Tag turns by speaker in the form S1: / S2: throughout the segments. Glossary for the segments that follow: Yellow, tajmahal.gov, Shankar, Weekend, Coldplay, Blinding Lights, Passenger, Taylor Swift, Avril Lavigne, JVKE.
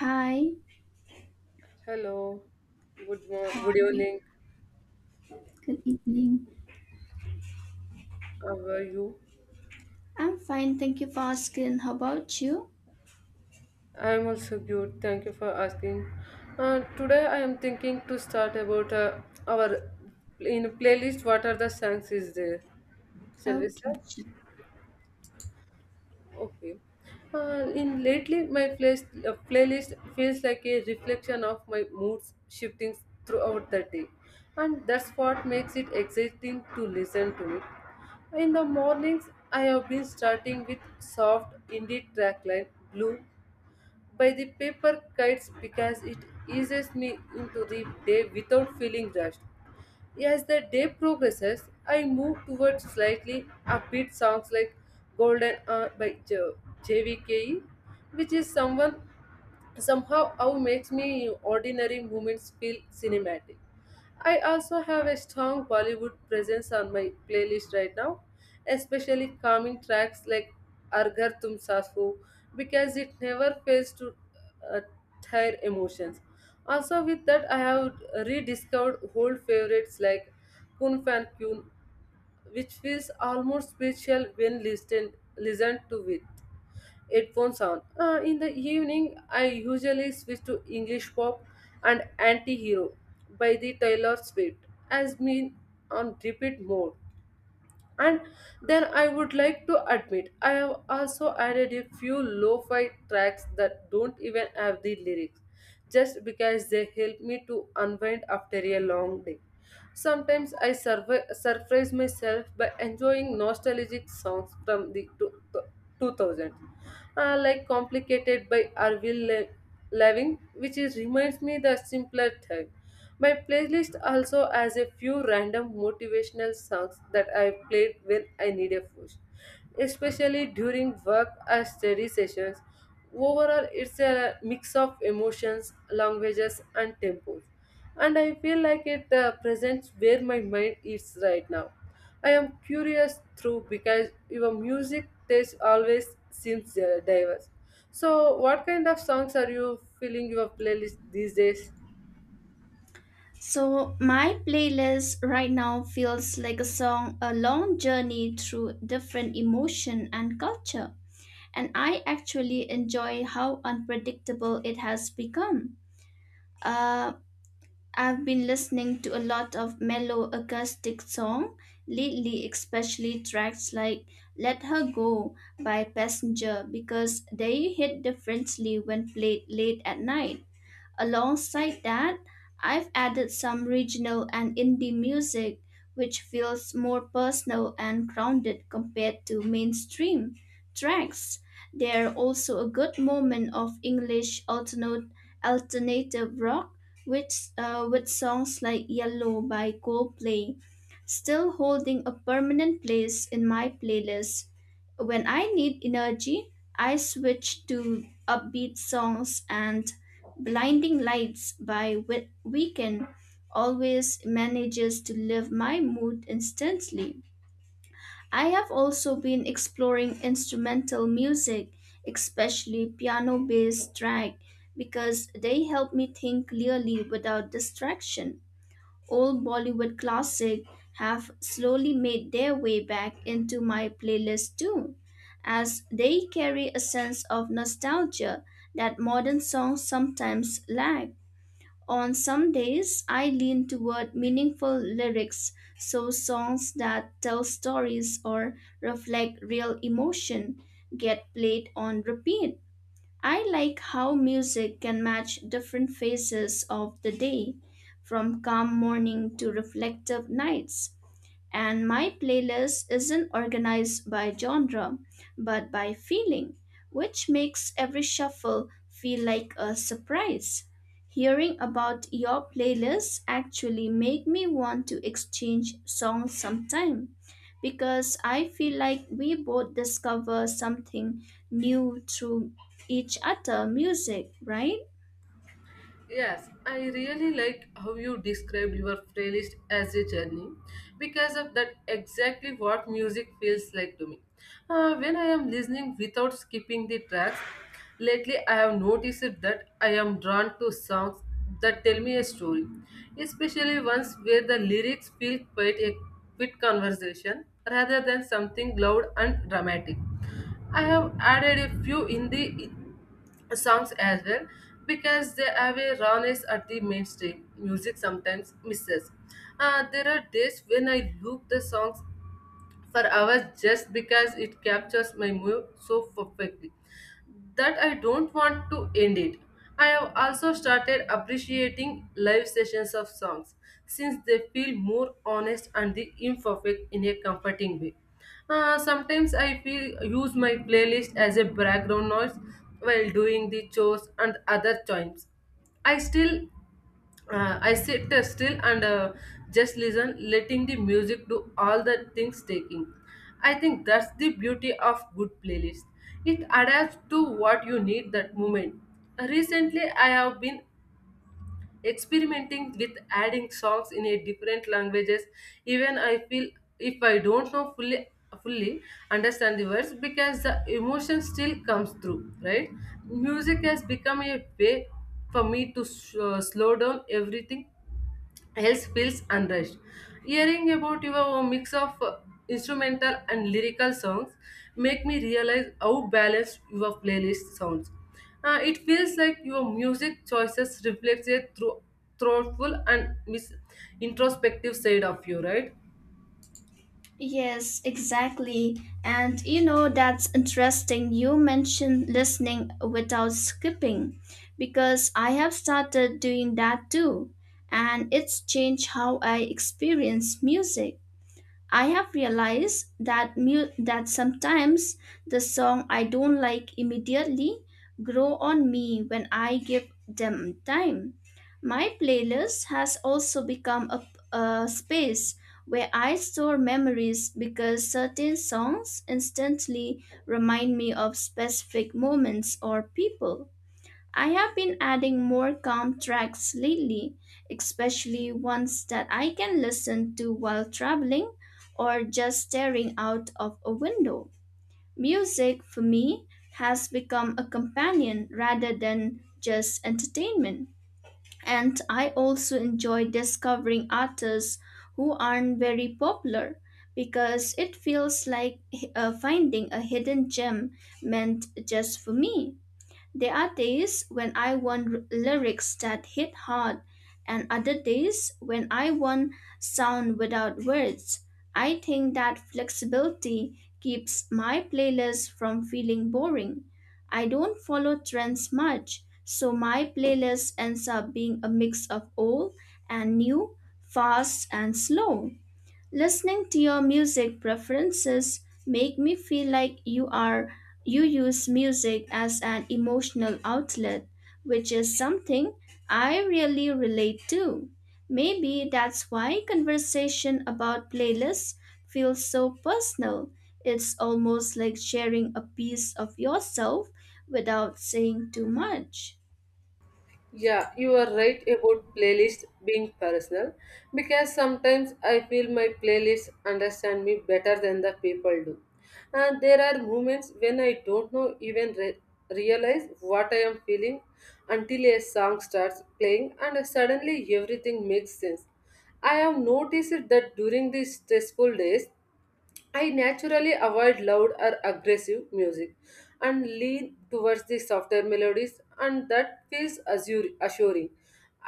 S1: Hi,
S2: Hello, good
S1: how
S2: morning,
S1: are
S2: good
S1: you?
S2: evening.
S1: Good evening.
S2: How are you?
S1: I'm fine, thank you for asking. How about you?
S2: I am also good. Thank you for asking. Today I am thinking to start about our in playlist. What are the songs is there? Shall we start?
S1: Okay, sure.
S2: Okay. In lately, my place, playlist feels like a reflection of my moods shifting throughout the day, and that's what makes it exciting to listen to it. In the mornings, I have been starting with soft indie trackline blue by the paper kites because it eases me into the day without feeling rushed. As the day progresses, I move towards slightly upbeat songs like Golden Hour by JVKE, which is someone somehow how makes me ordinary moments feel cinematic. I also have a strong Bollywood presence on my playlist right now, especially calming tracks like Arghar Tum Sasu because it never fails to uh, tire emotions. Also, with that, I have rediscovered old favorites like Kun Fan Kun, which feels almost spiritual when listened to with. Headphone sound. In the evening, I usually switch to English pop and Anti Hero by the Taylor Swift, as me on repeat mode. And then I would like to admit, I have also added a few lo fi tracks that don't even have the lyrics, just because they help me to unwind after a long day. Sometimes I surprise myself by enjoying nostalgic songs from the two thousands, like Complicated by Arvil Lavigne, which is, reminds me the simpler time. My playlist also has a few random motivational songs that I played when I need a push, especially during work or study sessions. Overall, it's a mix of emotions, languages, and tempos, and I feel like it presents where my mind is right now. I am curious through because your music taste always seems diverse. So, what kind of songs are you filling your playlist these days?
S1: So, my playlist right now feels like a song, a long journey through different emotion and culture. And I actually enjoy how unpredictable it has become. Uh, I've been listening to a lot of mellow acoustic song lately, especially tracks like Let Her Go by Passenger because they hit differently when played late at night. Alongside that, I've added some regional and indie music, which feels more personal and grounded compared to mainstream tracks. They're also a good moment of English alternative rock, which, with songs like Yellow by Coldplay, still holding a permanent place in my playlist. When I need energy, I switch to upbeat songs and Blinding Lights by Weekend always manages to lift my mood instantly. I have also been exploring instrumental music, especially piano based track, because they help me think clearly without distraction. Old Bollywood classics have slowly made their way back into my playlist too, as they carry a sense of nostalgia that modern songs sometimes lack. On some days, I lean toward meaningful lyrics, so songs that tell stories or reflect real emotion get played on repeat. I like how music can match different phases of the day, from calm morning to reflective nights, and my playlist isn't organized by genre but by feeling, which makes every shuffle feel like a surprise. Hearing about your playlist actually made me want to exchange songs sometime because I feel like we both discover something new through each other music, right?
S2: Yes, I really like how you described your playlist as a journey because of that exactly what music feels like to me. When I am listening without skipping the tracks, lately I have noticed that I am drawn to songs that tell me a story, especially ones where the lyrics feel quite a quick conversation rather than something loud and dramatic. I have added a few in the songs as well because they have a rawness at the mainstream music sometimes misses. There are days when I loop the songs for hours just because it captures my mood so perfectly that I don't want to end it. I have also started appreciating live sessions of songs since they feel more honest and the imperfect in a comforting way. Sometimes I feel use my playlist as a background noise while doing the chores and other times. I still I sit still and just listen, letting the music do all the things taking. I think that's the beauty of good playlist. It adapts to what you need that moment. Recently, I have been experimenting with adding songs in a different languages. Even I feel if I don't know fully understand the words because the emotion still comes through right music has become a way for me to slow down everything else feels unrest. Hearing about your mix of instrumental and lyrical songs make me realize how balanced your playlist sounds. It feels like your music choices reflect a thoughtful and introspective side of you, right?
S1: Yes, exactly. And you know, that's interesting. You mentioned listening without skipping because I have started doing that too. And it's changed how I experience music. I have realized that sometimes the song I don't like immediately grow on me when I give them time. My playlist has also become a space where I store memories because certain songs instantly remind me of specific moments or people. I have been adding more calm tracks lately, especially ones that I can listen to while traveling or just staring out of a window. Music, for me, has become a companion rather than just entertainment. And I also enjoy discovering artists who aren't very popular because it feels like finding a hidden gem meant just for me. There are days when lyrics that hit hard, and other days when I want sound without words. I think that flexibility keeps my playlist from feeling boring. I don't follow trends much, so my playlist ends up being a mix of old and new, fast and slow. Listening to your music preferences make me feel like you use music as an emotional outlet, which is something I really relate to. Maybe that's why conversation about playlists feels so personal. It's almost like sharing a piece of yourself without saying too much.
S2: Yeah, you are right about playlists being personal because sometimes I feel my playlists understand me better than the people do. And there are moments when I don't know even realize what I am feeling until a song starts playing and suddenly everything makes sense. I have noticed that during these stressful days, I naturally avoid loud or aggressive music and lean towards the softer melodies, and that feels assuring.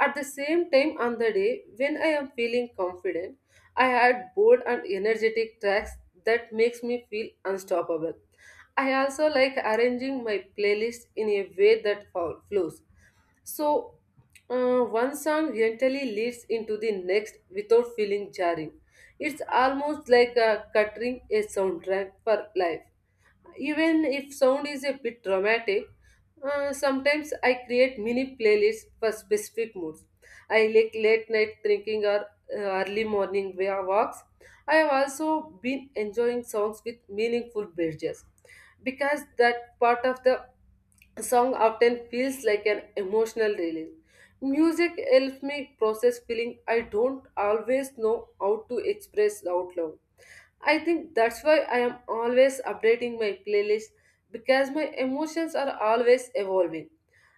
S2: At the same time, on the day when I am feeling confident, I add bold and energetic tracks that makes me feel unstoppable. I also like arranging my playlist in a way that flows. So, one song gently leads into the next without feeling jarring. It's almost like cutting a soundtrack for life. Even if sound is a bit dramatic, sometimes I create mini playlists for specific moods. I like late night drinking or early morning walks. I have also been enjoying songs with meaningful bridges because that part of the a song often feels like an emotional release. Music helps me process feeling I don't always know how to express out loud. I think that's why I am always updating my playlist because my emotions are always evolving.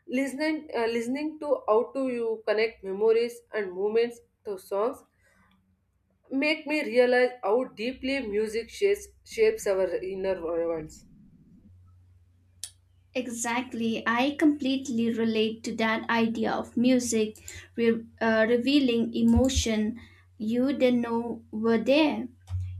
S2: Listening to how to you connect memories and moments to songs make me realize how deeply music shapes our inner worlds.
S1: Exactly. I completely relate to that idea of music revealing emotion you didn't know were there.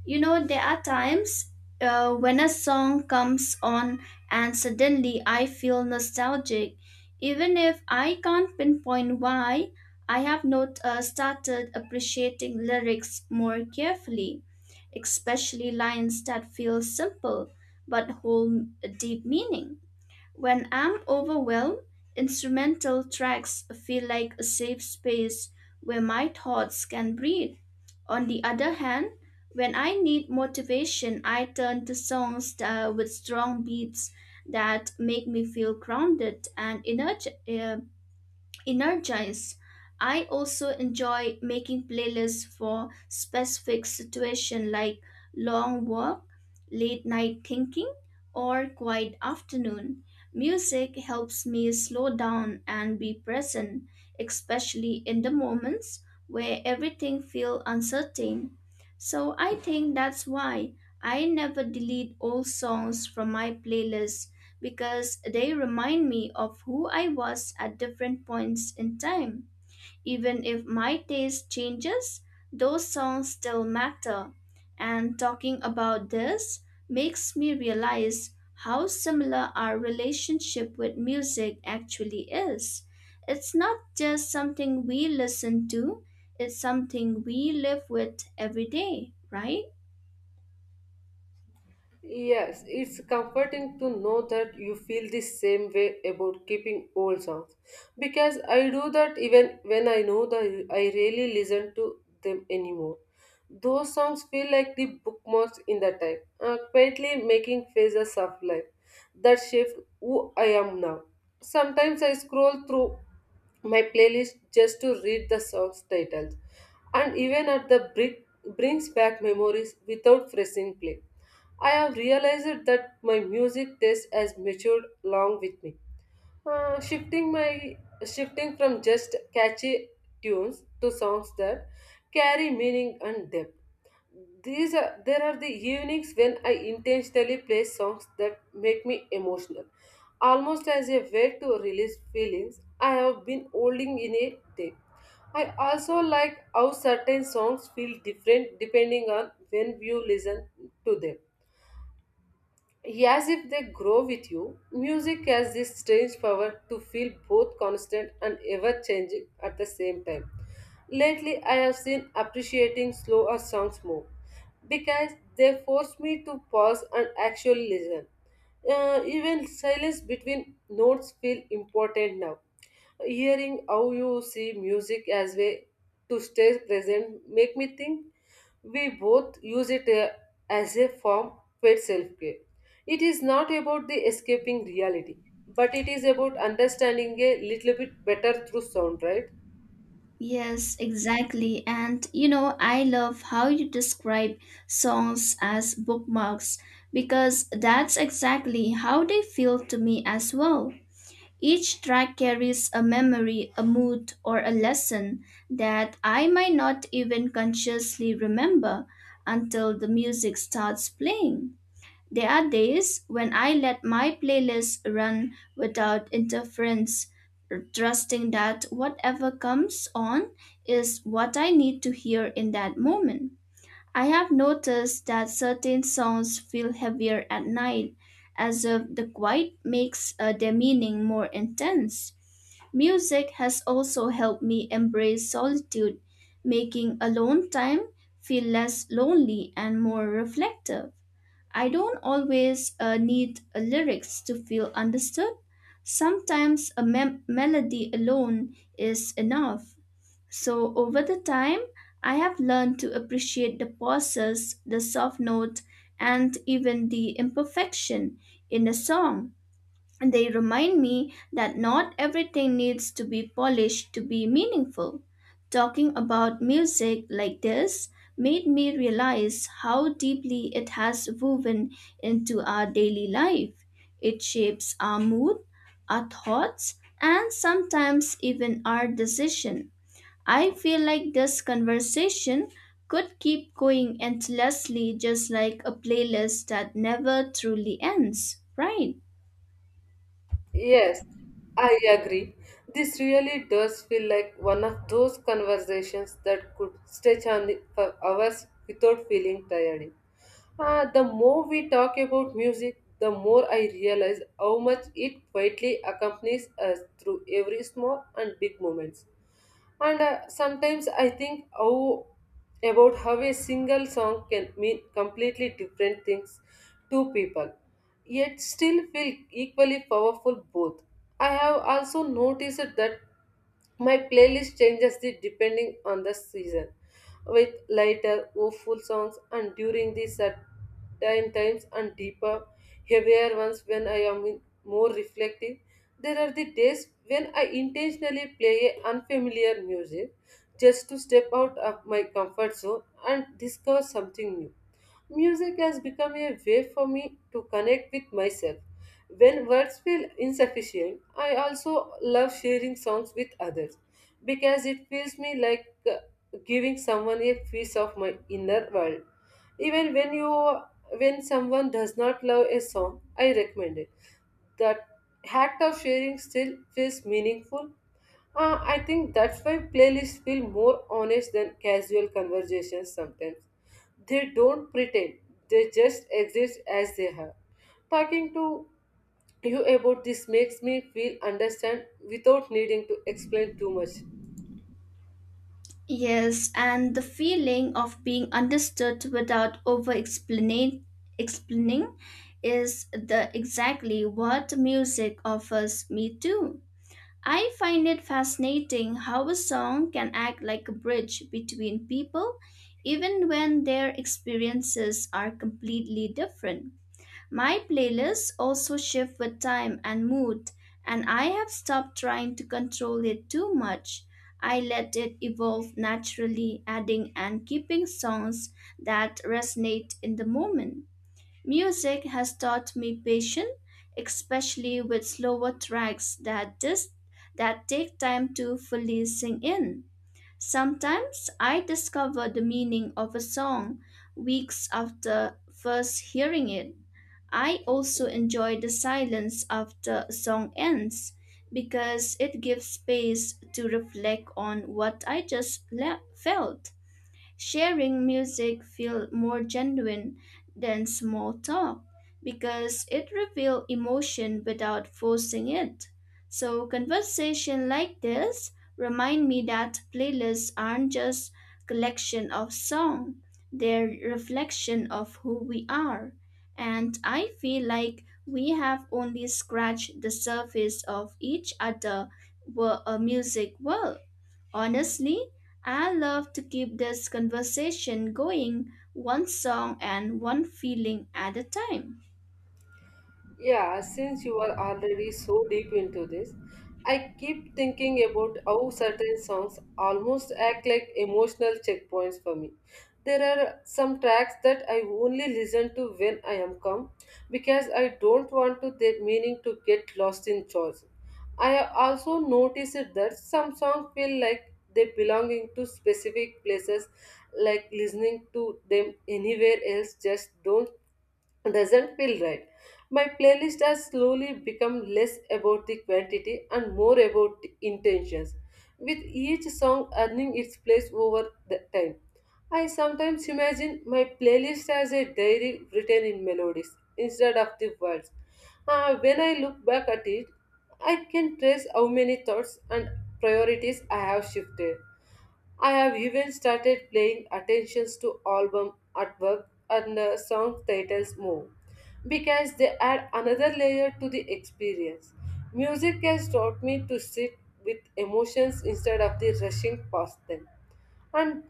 S1: You know, there are times when a song comes on and suddenly I feel nostalgic. Even if I can't pinpoint why, I have not started appreciating lyrics more carefully, especially lines that feel simple but hold a deep meaning. When I'm overwhelmed, instrumental tracks feel like a safe space where my thoughts can breathe. On the other hand, when I need motivation, I turn to songs that, with strong beats that make me feel grounded and energetic energized. I also enjoy making playlists for specific situations like long walk, late night thinking, or quiet afternoon. Music helps me slow down and be present, especially in the moments where everything feels uncertain. So I think that's why I never delete old songs from my playlist because they remind me of who I was at different points in time. Even if my taste changes, those songs still matter. And talking about this makes me realize how similar our relationship with music actually is. It's not just something we listen to, it's something we live with every day, right?
S2: Yes, it's comforting to know that you feel the same way about keeping old songs because I do that even when I know that I really listen to them anymore. Those songs feel like the bookmarks in the time, quietly making phases of life that shape who I am now. Sometimes I scroll through my playlist just to read the songs titles, and even at the brink brings back memories without pressing play. I have realized that my music taste has matured along with me. Uh, shifting my shifting from just catchy tunes to songs that carry meaning and depth. These are there are the evenings when I intentionally play songs that make me emotional, almost as a way to release feelings I have been holding in a day. I also like how certain songs feel different depending on when you listen to them as if they grow with you, music has this strange power to feel both constant and ever changing at the same time. Lately, I have seen appreciating slower songs more because they force me to pause and actually listen. Even silence between notes feel important now. Hearing how you see music as way to stay present make me think we both use it as a form for self-care. It is not about the escaping reality, but it is about understanding a little bit better through sound, right?
S1: Yes, exactly. And you know, I love how you describe songs as bookmarks because that's exactly how they feel to me as well. Each track carries a memory, a mood, or a lesson that I might not even consciously remember until the music starts playing. There are days when I let my playlist run without interference, trusting that whatever comes on is what I need to hear in that moment. I have noticed that certain sounds feel heavier at night, as if the quiet makes their meaning more intense. Music has also helped me embrace solitude, making alone time feel less lonely and more reflective. I don't always need lyrics to feel understood. Sometimes a melody alone is enough. So, over the time, I have learned to appreciate the pauses, the soft note, and even the imperfection in a song. And they remind me that not everything needs to be polished to be meaningful. Talking about music like this made me realize how deeply it has woven into our daily life. It shapes our mood, our thoughts, and sometimes even our decision. I feel like this conversation could keep going endlessly just like a playlist that never truly ends, right?
S2: Yes, I agree. This really does feel like one of those conversations that could stretch on for hours without feeling tiring. Ah, the more we talk about music, the more I realize how much it quietly accompanies us through every small and big moments. And sometimes I think how about how a single song can mean completely different things to people yet still feel equally powerful both. I have also noticed that my playlist changes the depending on the season, with lighter, woeful songs and during the certain times and deeper, heavier ones when I am more reflective. There are the days when I intentionally play a unfamiliar music just to step out of my comfort zone and discover something new. Music has become a way for me to connect with myself. When words feel insufficient, I also love sharing songs with others because it feels me like giving someone a piece of my inner world. Even when someone does not love a song, I recommend it. That act of sharing still feels meaningful. I think that's why playlists feel more honest than casual conversations sometimes. They don't pretend, they just exist as they are. Talking to you about this makes me feel understand without needing to explain too much.
S1: Yes, and the feeling of being understood without over explaining is the exactly what music offers me too. I find it fascinating how a song can act like a bridge between people even when their experiences are completely different. My playlists also shift with time and mood, and I have stopped trying to control it too much. I let it evolve naturally, adding and keeping songs that resonate in the moment. Music has taught me patience, especially with slower tracks that take time to fully sink in. Sometimes I discover the meaning of a song weeks after first hearing it. I also enjoy the silence after a song ends because it gives space to reflect on what I felt. Sharing music feel more genuine than small talk because it reveals emotion without forcing it. So conversation like this remind me that playlists aren't just collection of song, they're reflection of who we are. And I feel like we have only scratched the surface of each other music world. Honestly, I love to keep this conversation going one song and one feeling at a time.
S2: Yeah, since you are already so deep into this, I keep thinking about how certain songs almost act like emotional checkpoints for me. There are some tracks that I only listen to when I am calm because I don't want to their meaning to get lost in chores. I have also noticed that some songs feel like they belonging to specific places, like listening to them anywhere else just don't doesn't feel right. My playlist has slowly become less about the quantity and more about the intentions, with each song earning its place over the time. I sometimes imagine my playlist as a diary written in melodies instead of the words. When I look back at it, I can trace how many thoughts and priorities I have shifted. I have even started paying attentions to album artwork and the song titles more because they add another layer to the experience. Music has taught me to sit with emotions instead of the rushing past them. And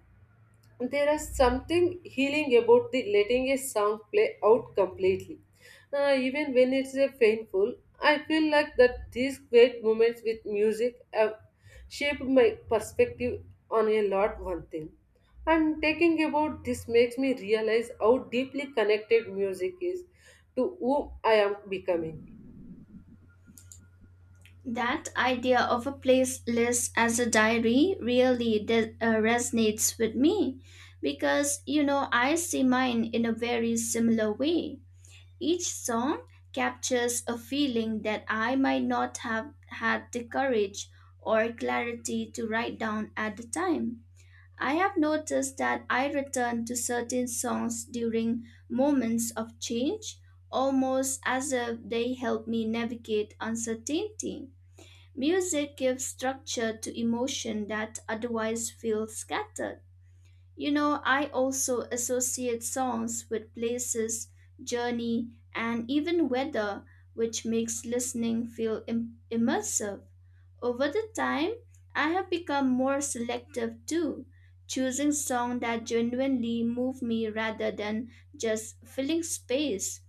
S2: there is something healing about the letting a song play out completely. Even when it's a painful. I feel like that these great moments with music have shaped my perspective on a lot one thing. And taking about this makes me realize how deeply connected music is to whom I am becoming.
S1: That idea of a playlist as a diary really resonates with me because you know I see mine in a very similar way. Each song captures a feeling that I might not have had the courage or clarity to write down at the time. I have noticed that I return to certain songs during moments of change, almost as if they help me navigate uncertainty. Music gives structure to emotion that otherwise feel scattered. You know, I also associate songs with places, journey, and even weather, which makes listening feel immersive. Over the time, I have become more selective too, choosing songs that genuinely move me rather than just filling space.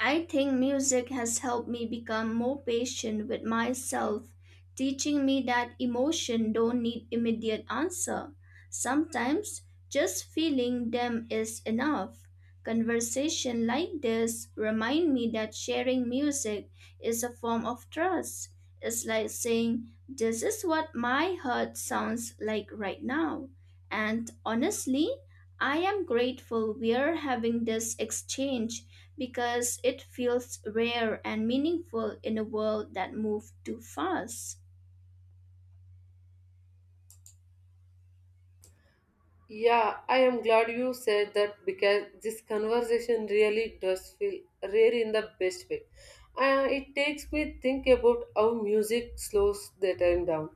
S1: I think music has helped me become more patient with myself, teaching me that emotion don't need immediate answer. Sometimes just feeling them is enough. Conversation like this remind me that sharing music is a form of trust. It's like saying this is what my heart sounds like right now. And honestly, I am grateful we are having this exchange because it feels rare and meaningful in a world that moves too fast.
S2: Yeah, I am glad you said that because this conversation really does feel rare in the best way. It takes me think about how music slows the time down.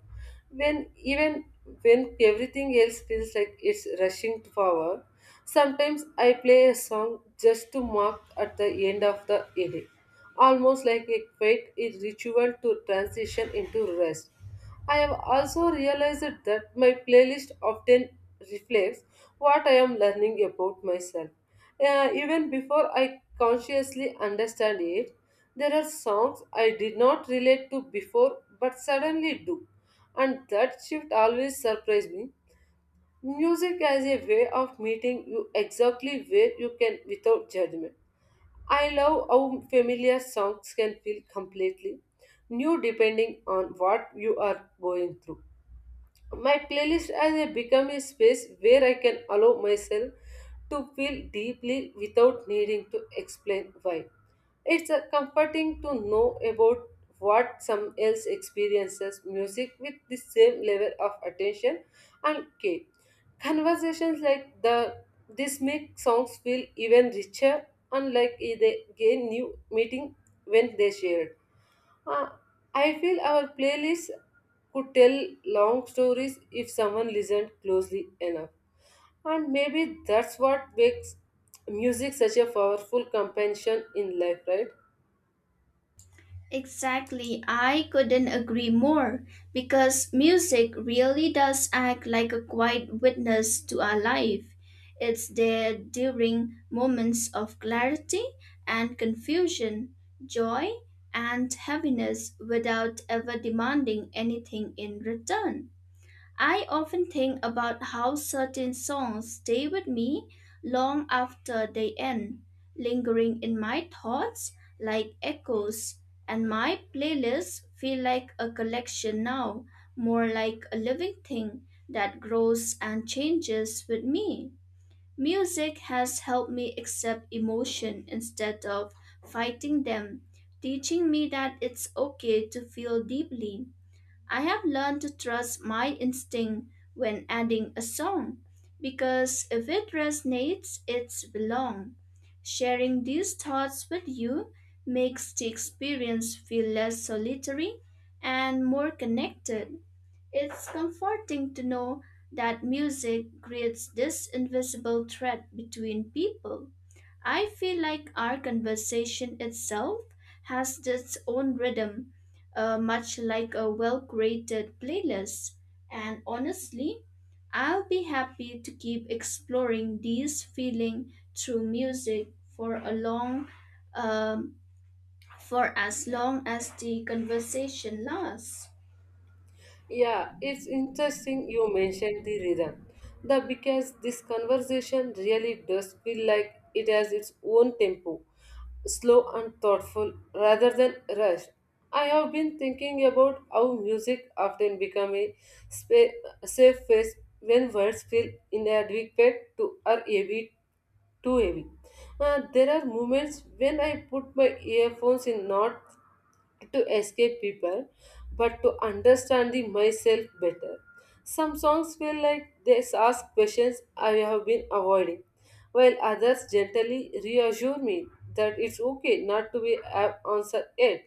S2: When even when everything else feels like it's rushing forward, sometimes I play a song just to mark at the end of the day, almost like a quiet ritual to transition into rest. I have also realized that my playlist often reflects what I am learning about myself. Even before I consciously understand it, there are songs I did not relate to before but suddenly do. And that shift always surprised me. Music as a way of meeting you exactly where you can without judgment. I love how familiar songs can feel completely new depending on what you are going through. My playlist has become a space where I can allow myself to feel deeply without needing to explain why. It's comforting to know about what some else experiences music with the same level of attention and care. Conversations like the this make songs feel even richer and like they gain new meaning when they shared. Uh, I feel our playlist could tell long stories if someone listened closely enough. And maybe that's what makes music such a powerful companion in life, right?
S1: Exactly, I couldn't agree more because music really does act like a quiet witness to our life. It's there during moments of clarity and confusion, joy and heaviness without ever demanding anything in return. I often think about how certain songs stay with me long after they end, lingering in my thoughts like echoes, and my playlists feel like a collection now, more like a living thing that grows and changes with me. Music has helped me accept emotion instead of fighting them, teaching me that it's okay to feel deeply. I have learned to trust my instinct when adding a song because if it resonates, it's belong. Sharing these thoughts with you makes the experience feel less solitary and more connected. It's comforting to know that music creates this invisible thread between people. I feel like our conversation itself has its own rhythm, much like a well curated playlist. And honestly, I'll be happy to keep exploring these feeling through music for a long, um, for as long as the conversation lasts.
S2: Yeah, it's interesting you mentioned the rhythm. The because this conversation really does feel like it has its own tempo, slow and thoughtful rather than rushed. I have been thinking about how music often become a spa- safe space when words feel inadequate to or heavy too heavy. There are moments when I put my earphones in not to escape people, but to understand the myself better. Some songs feel like they ask questions I have been avoiding, while others gently reassure me that it's okay not to be answered yet.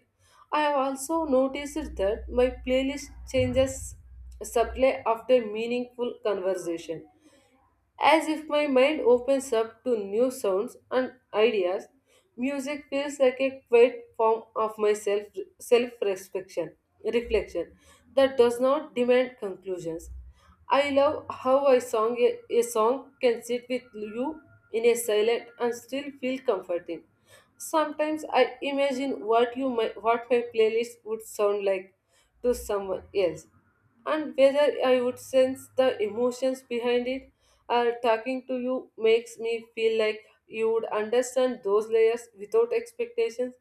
S2: I have also noticed that my playlist changes subtly after meaningful conversation as if my mind opens up to new sounds and ideas. Music feels like a quiet form of my self reflection that does not demand conclusions. I love how a song can sit with you in a silent and still feel comforting. Sometimes I imagine what my playlist would sound like to someone else and whether I would sense the emotions behind it. Talking to you makes me feel like you would understand those layers without expectations.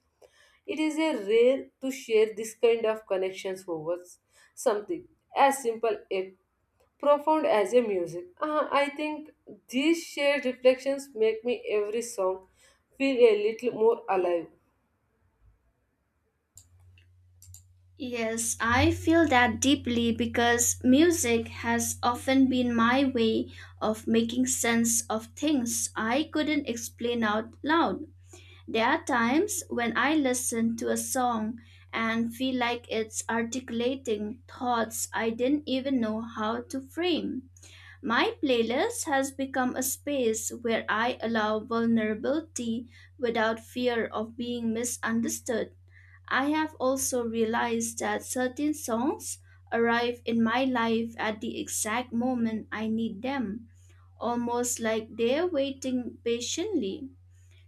S2: It is a rare to share this kind of connections over something as simple yet profound as a music. I think these shared reflections make me every song feel a little more alive.
S1: Yes, I feel that deeply because music has often been my way of making sense of things I couldn't explain out loud. There are times when I listen to a song and feel like it's articulating thoughts I didn't even know how to frame. My playlist has become a space where I allow vulnerability without fear of being misunderstood. I have also realized that certain songs arrive in my life at the exact moment I need them, almost like they're waiting patiently.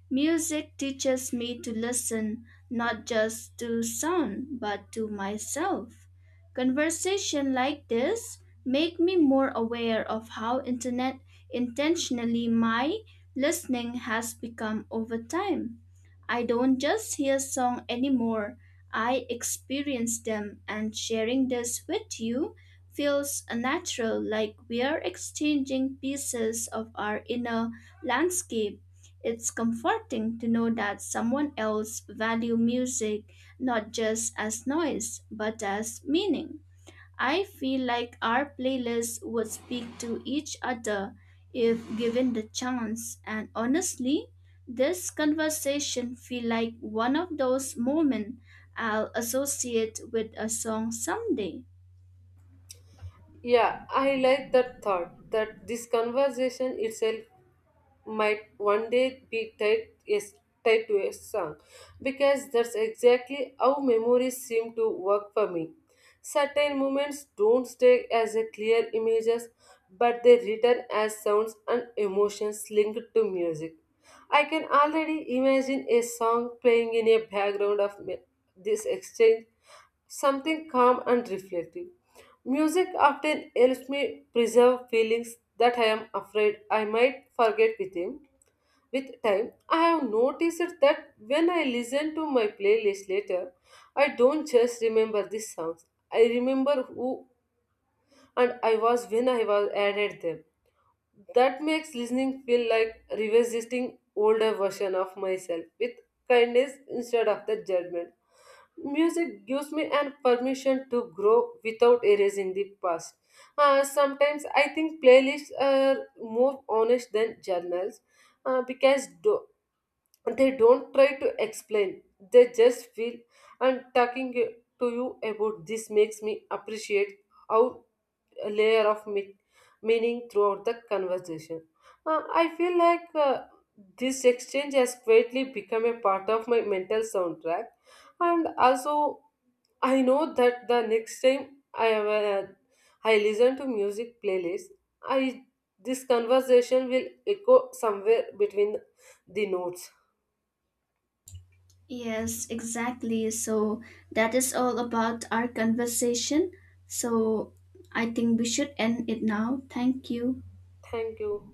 S1: Music teaches me to listen not just to sound but to myself. Conversation like this make me more aware of how internet intentionally my listening has become over time. I don't just hear songs anymore. I experience them and sharing this with you feels natural like we are exchanging pieces of our inner landscape. It's comforting to know that someone else value music not just as noise but as meaning. I feel like our playlists would speak to each other if given the chance, and honestly, this conversation feel like one of those moments I'll associate with a song someday.
S2: Yeah, I like that thought that this conversation itself might one day be tied, yes, tied to a song because that's exactly how memories seem to work for me. Certain moments don't stay as a clear images, but they return as sounds and emotions linked to music. I can already imagine a song playing in a background of this exchange, something calm and reflective. Music often helps me preserve feelings that I am afraid I might forget with him. With time, I have noticed that when I listen to my playlist later, I don't just remember these songs. I remember who and I was when I was added them. That makes listening feel like revisiting older version of myself with kindness instead of the judgment. Music gives me an permission to grow without erasing the past. Sometimes I think playlists are more honest than journals because they don't try to explain, they just feel. And talking to you about this makes me appreciate how a layer of meaning throughout the conversation. I feel like this exchange has quietly become a part of my mental soundtrack, and also I know that the next time I listen to music playlist, I this conversation will echo somewhere between the notes.
S1: Yes, exactly. So that is all about our conversation. So I think we should end it now. Thank you.
S2: Thank you.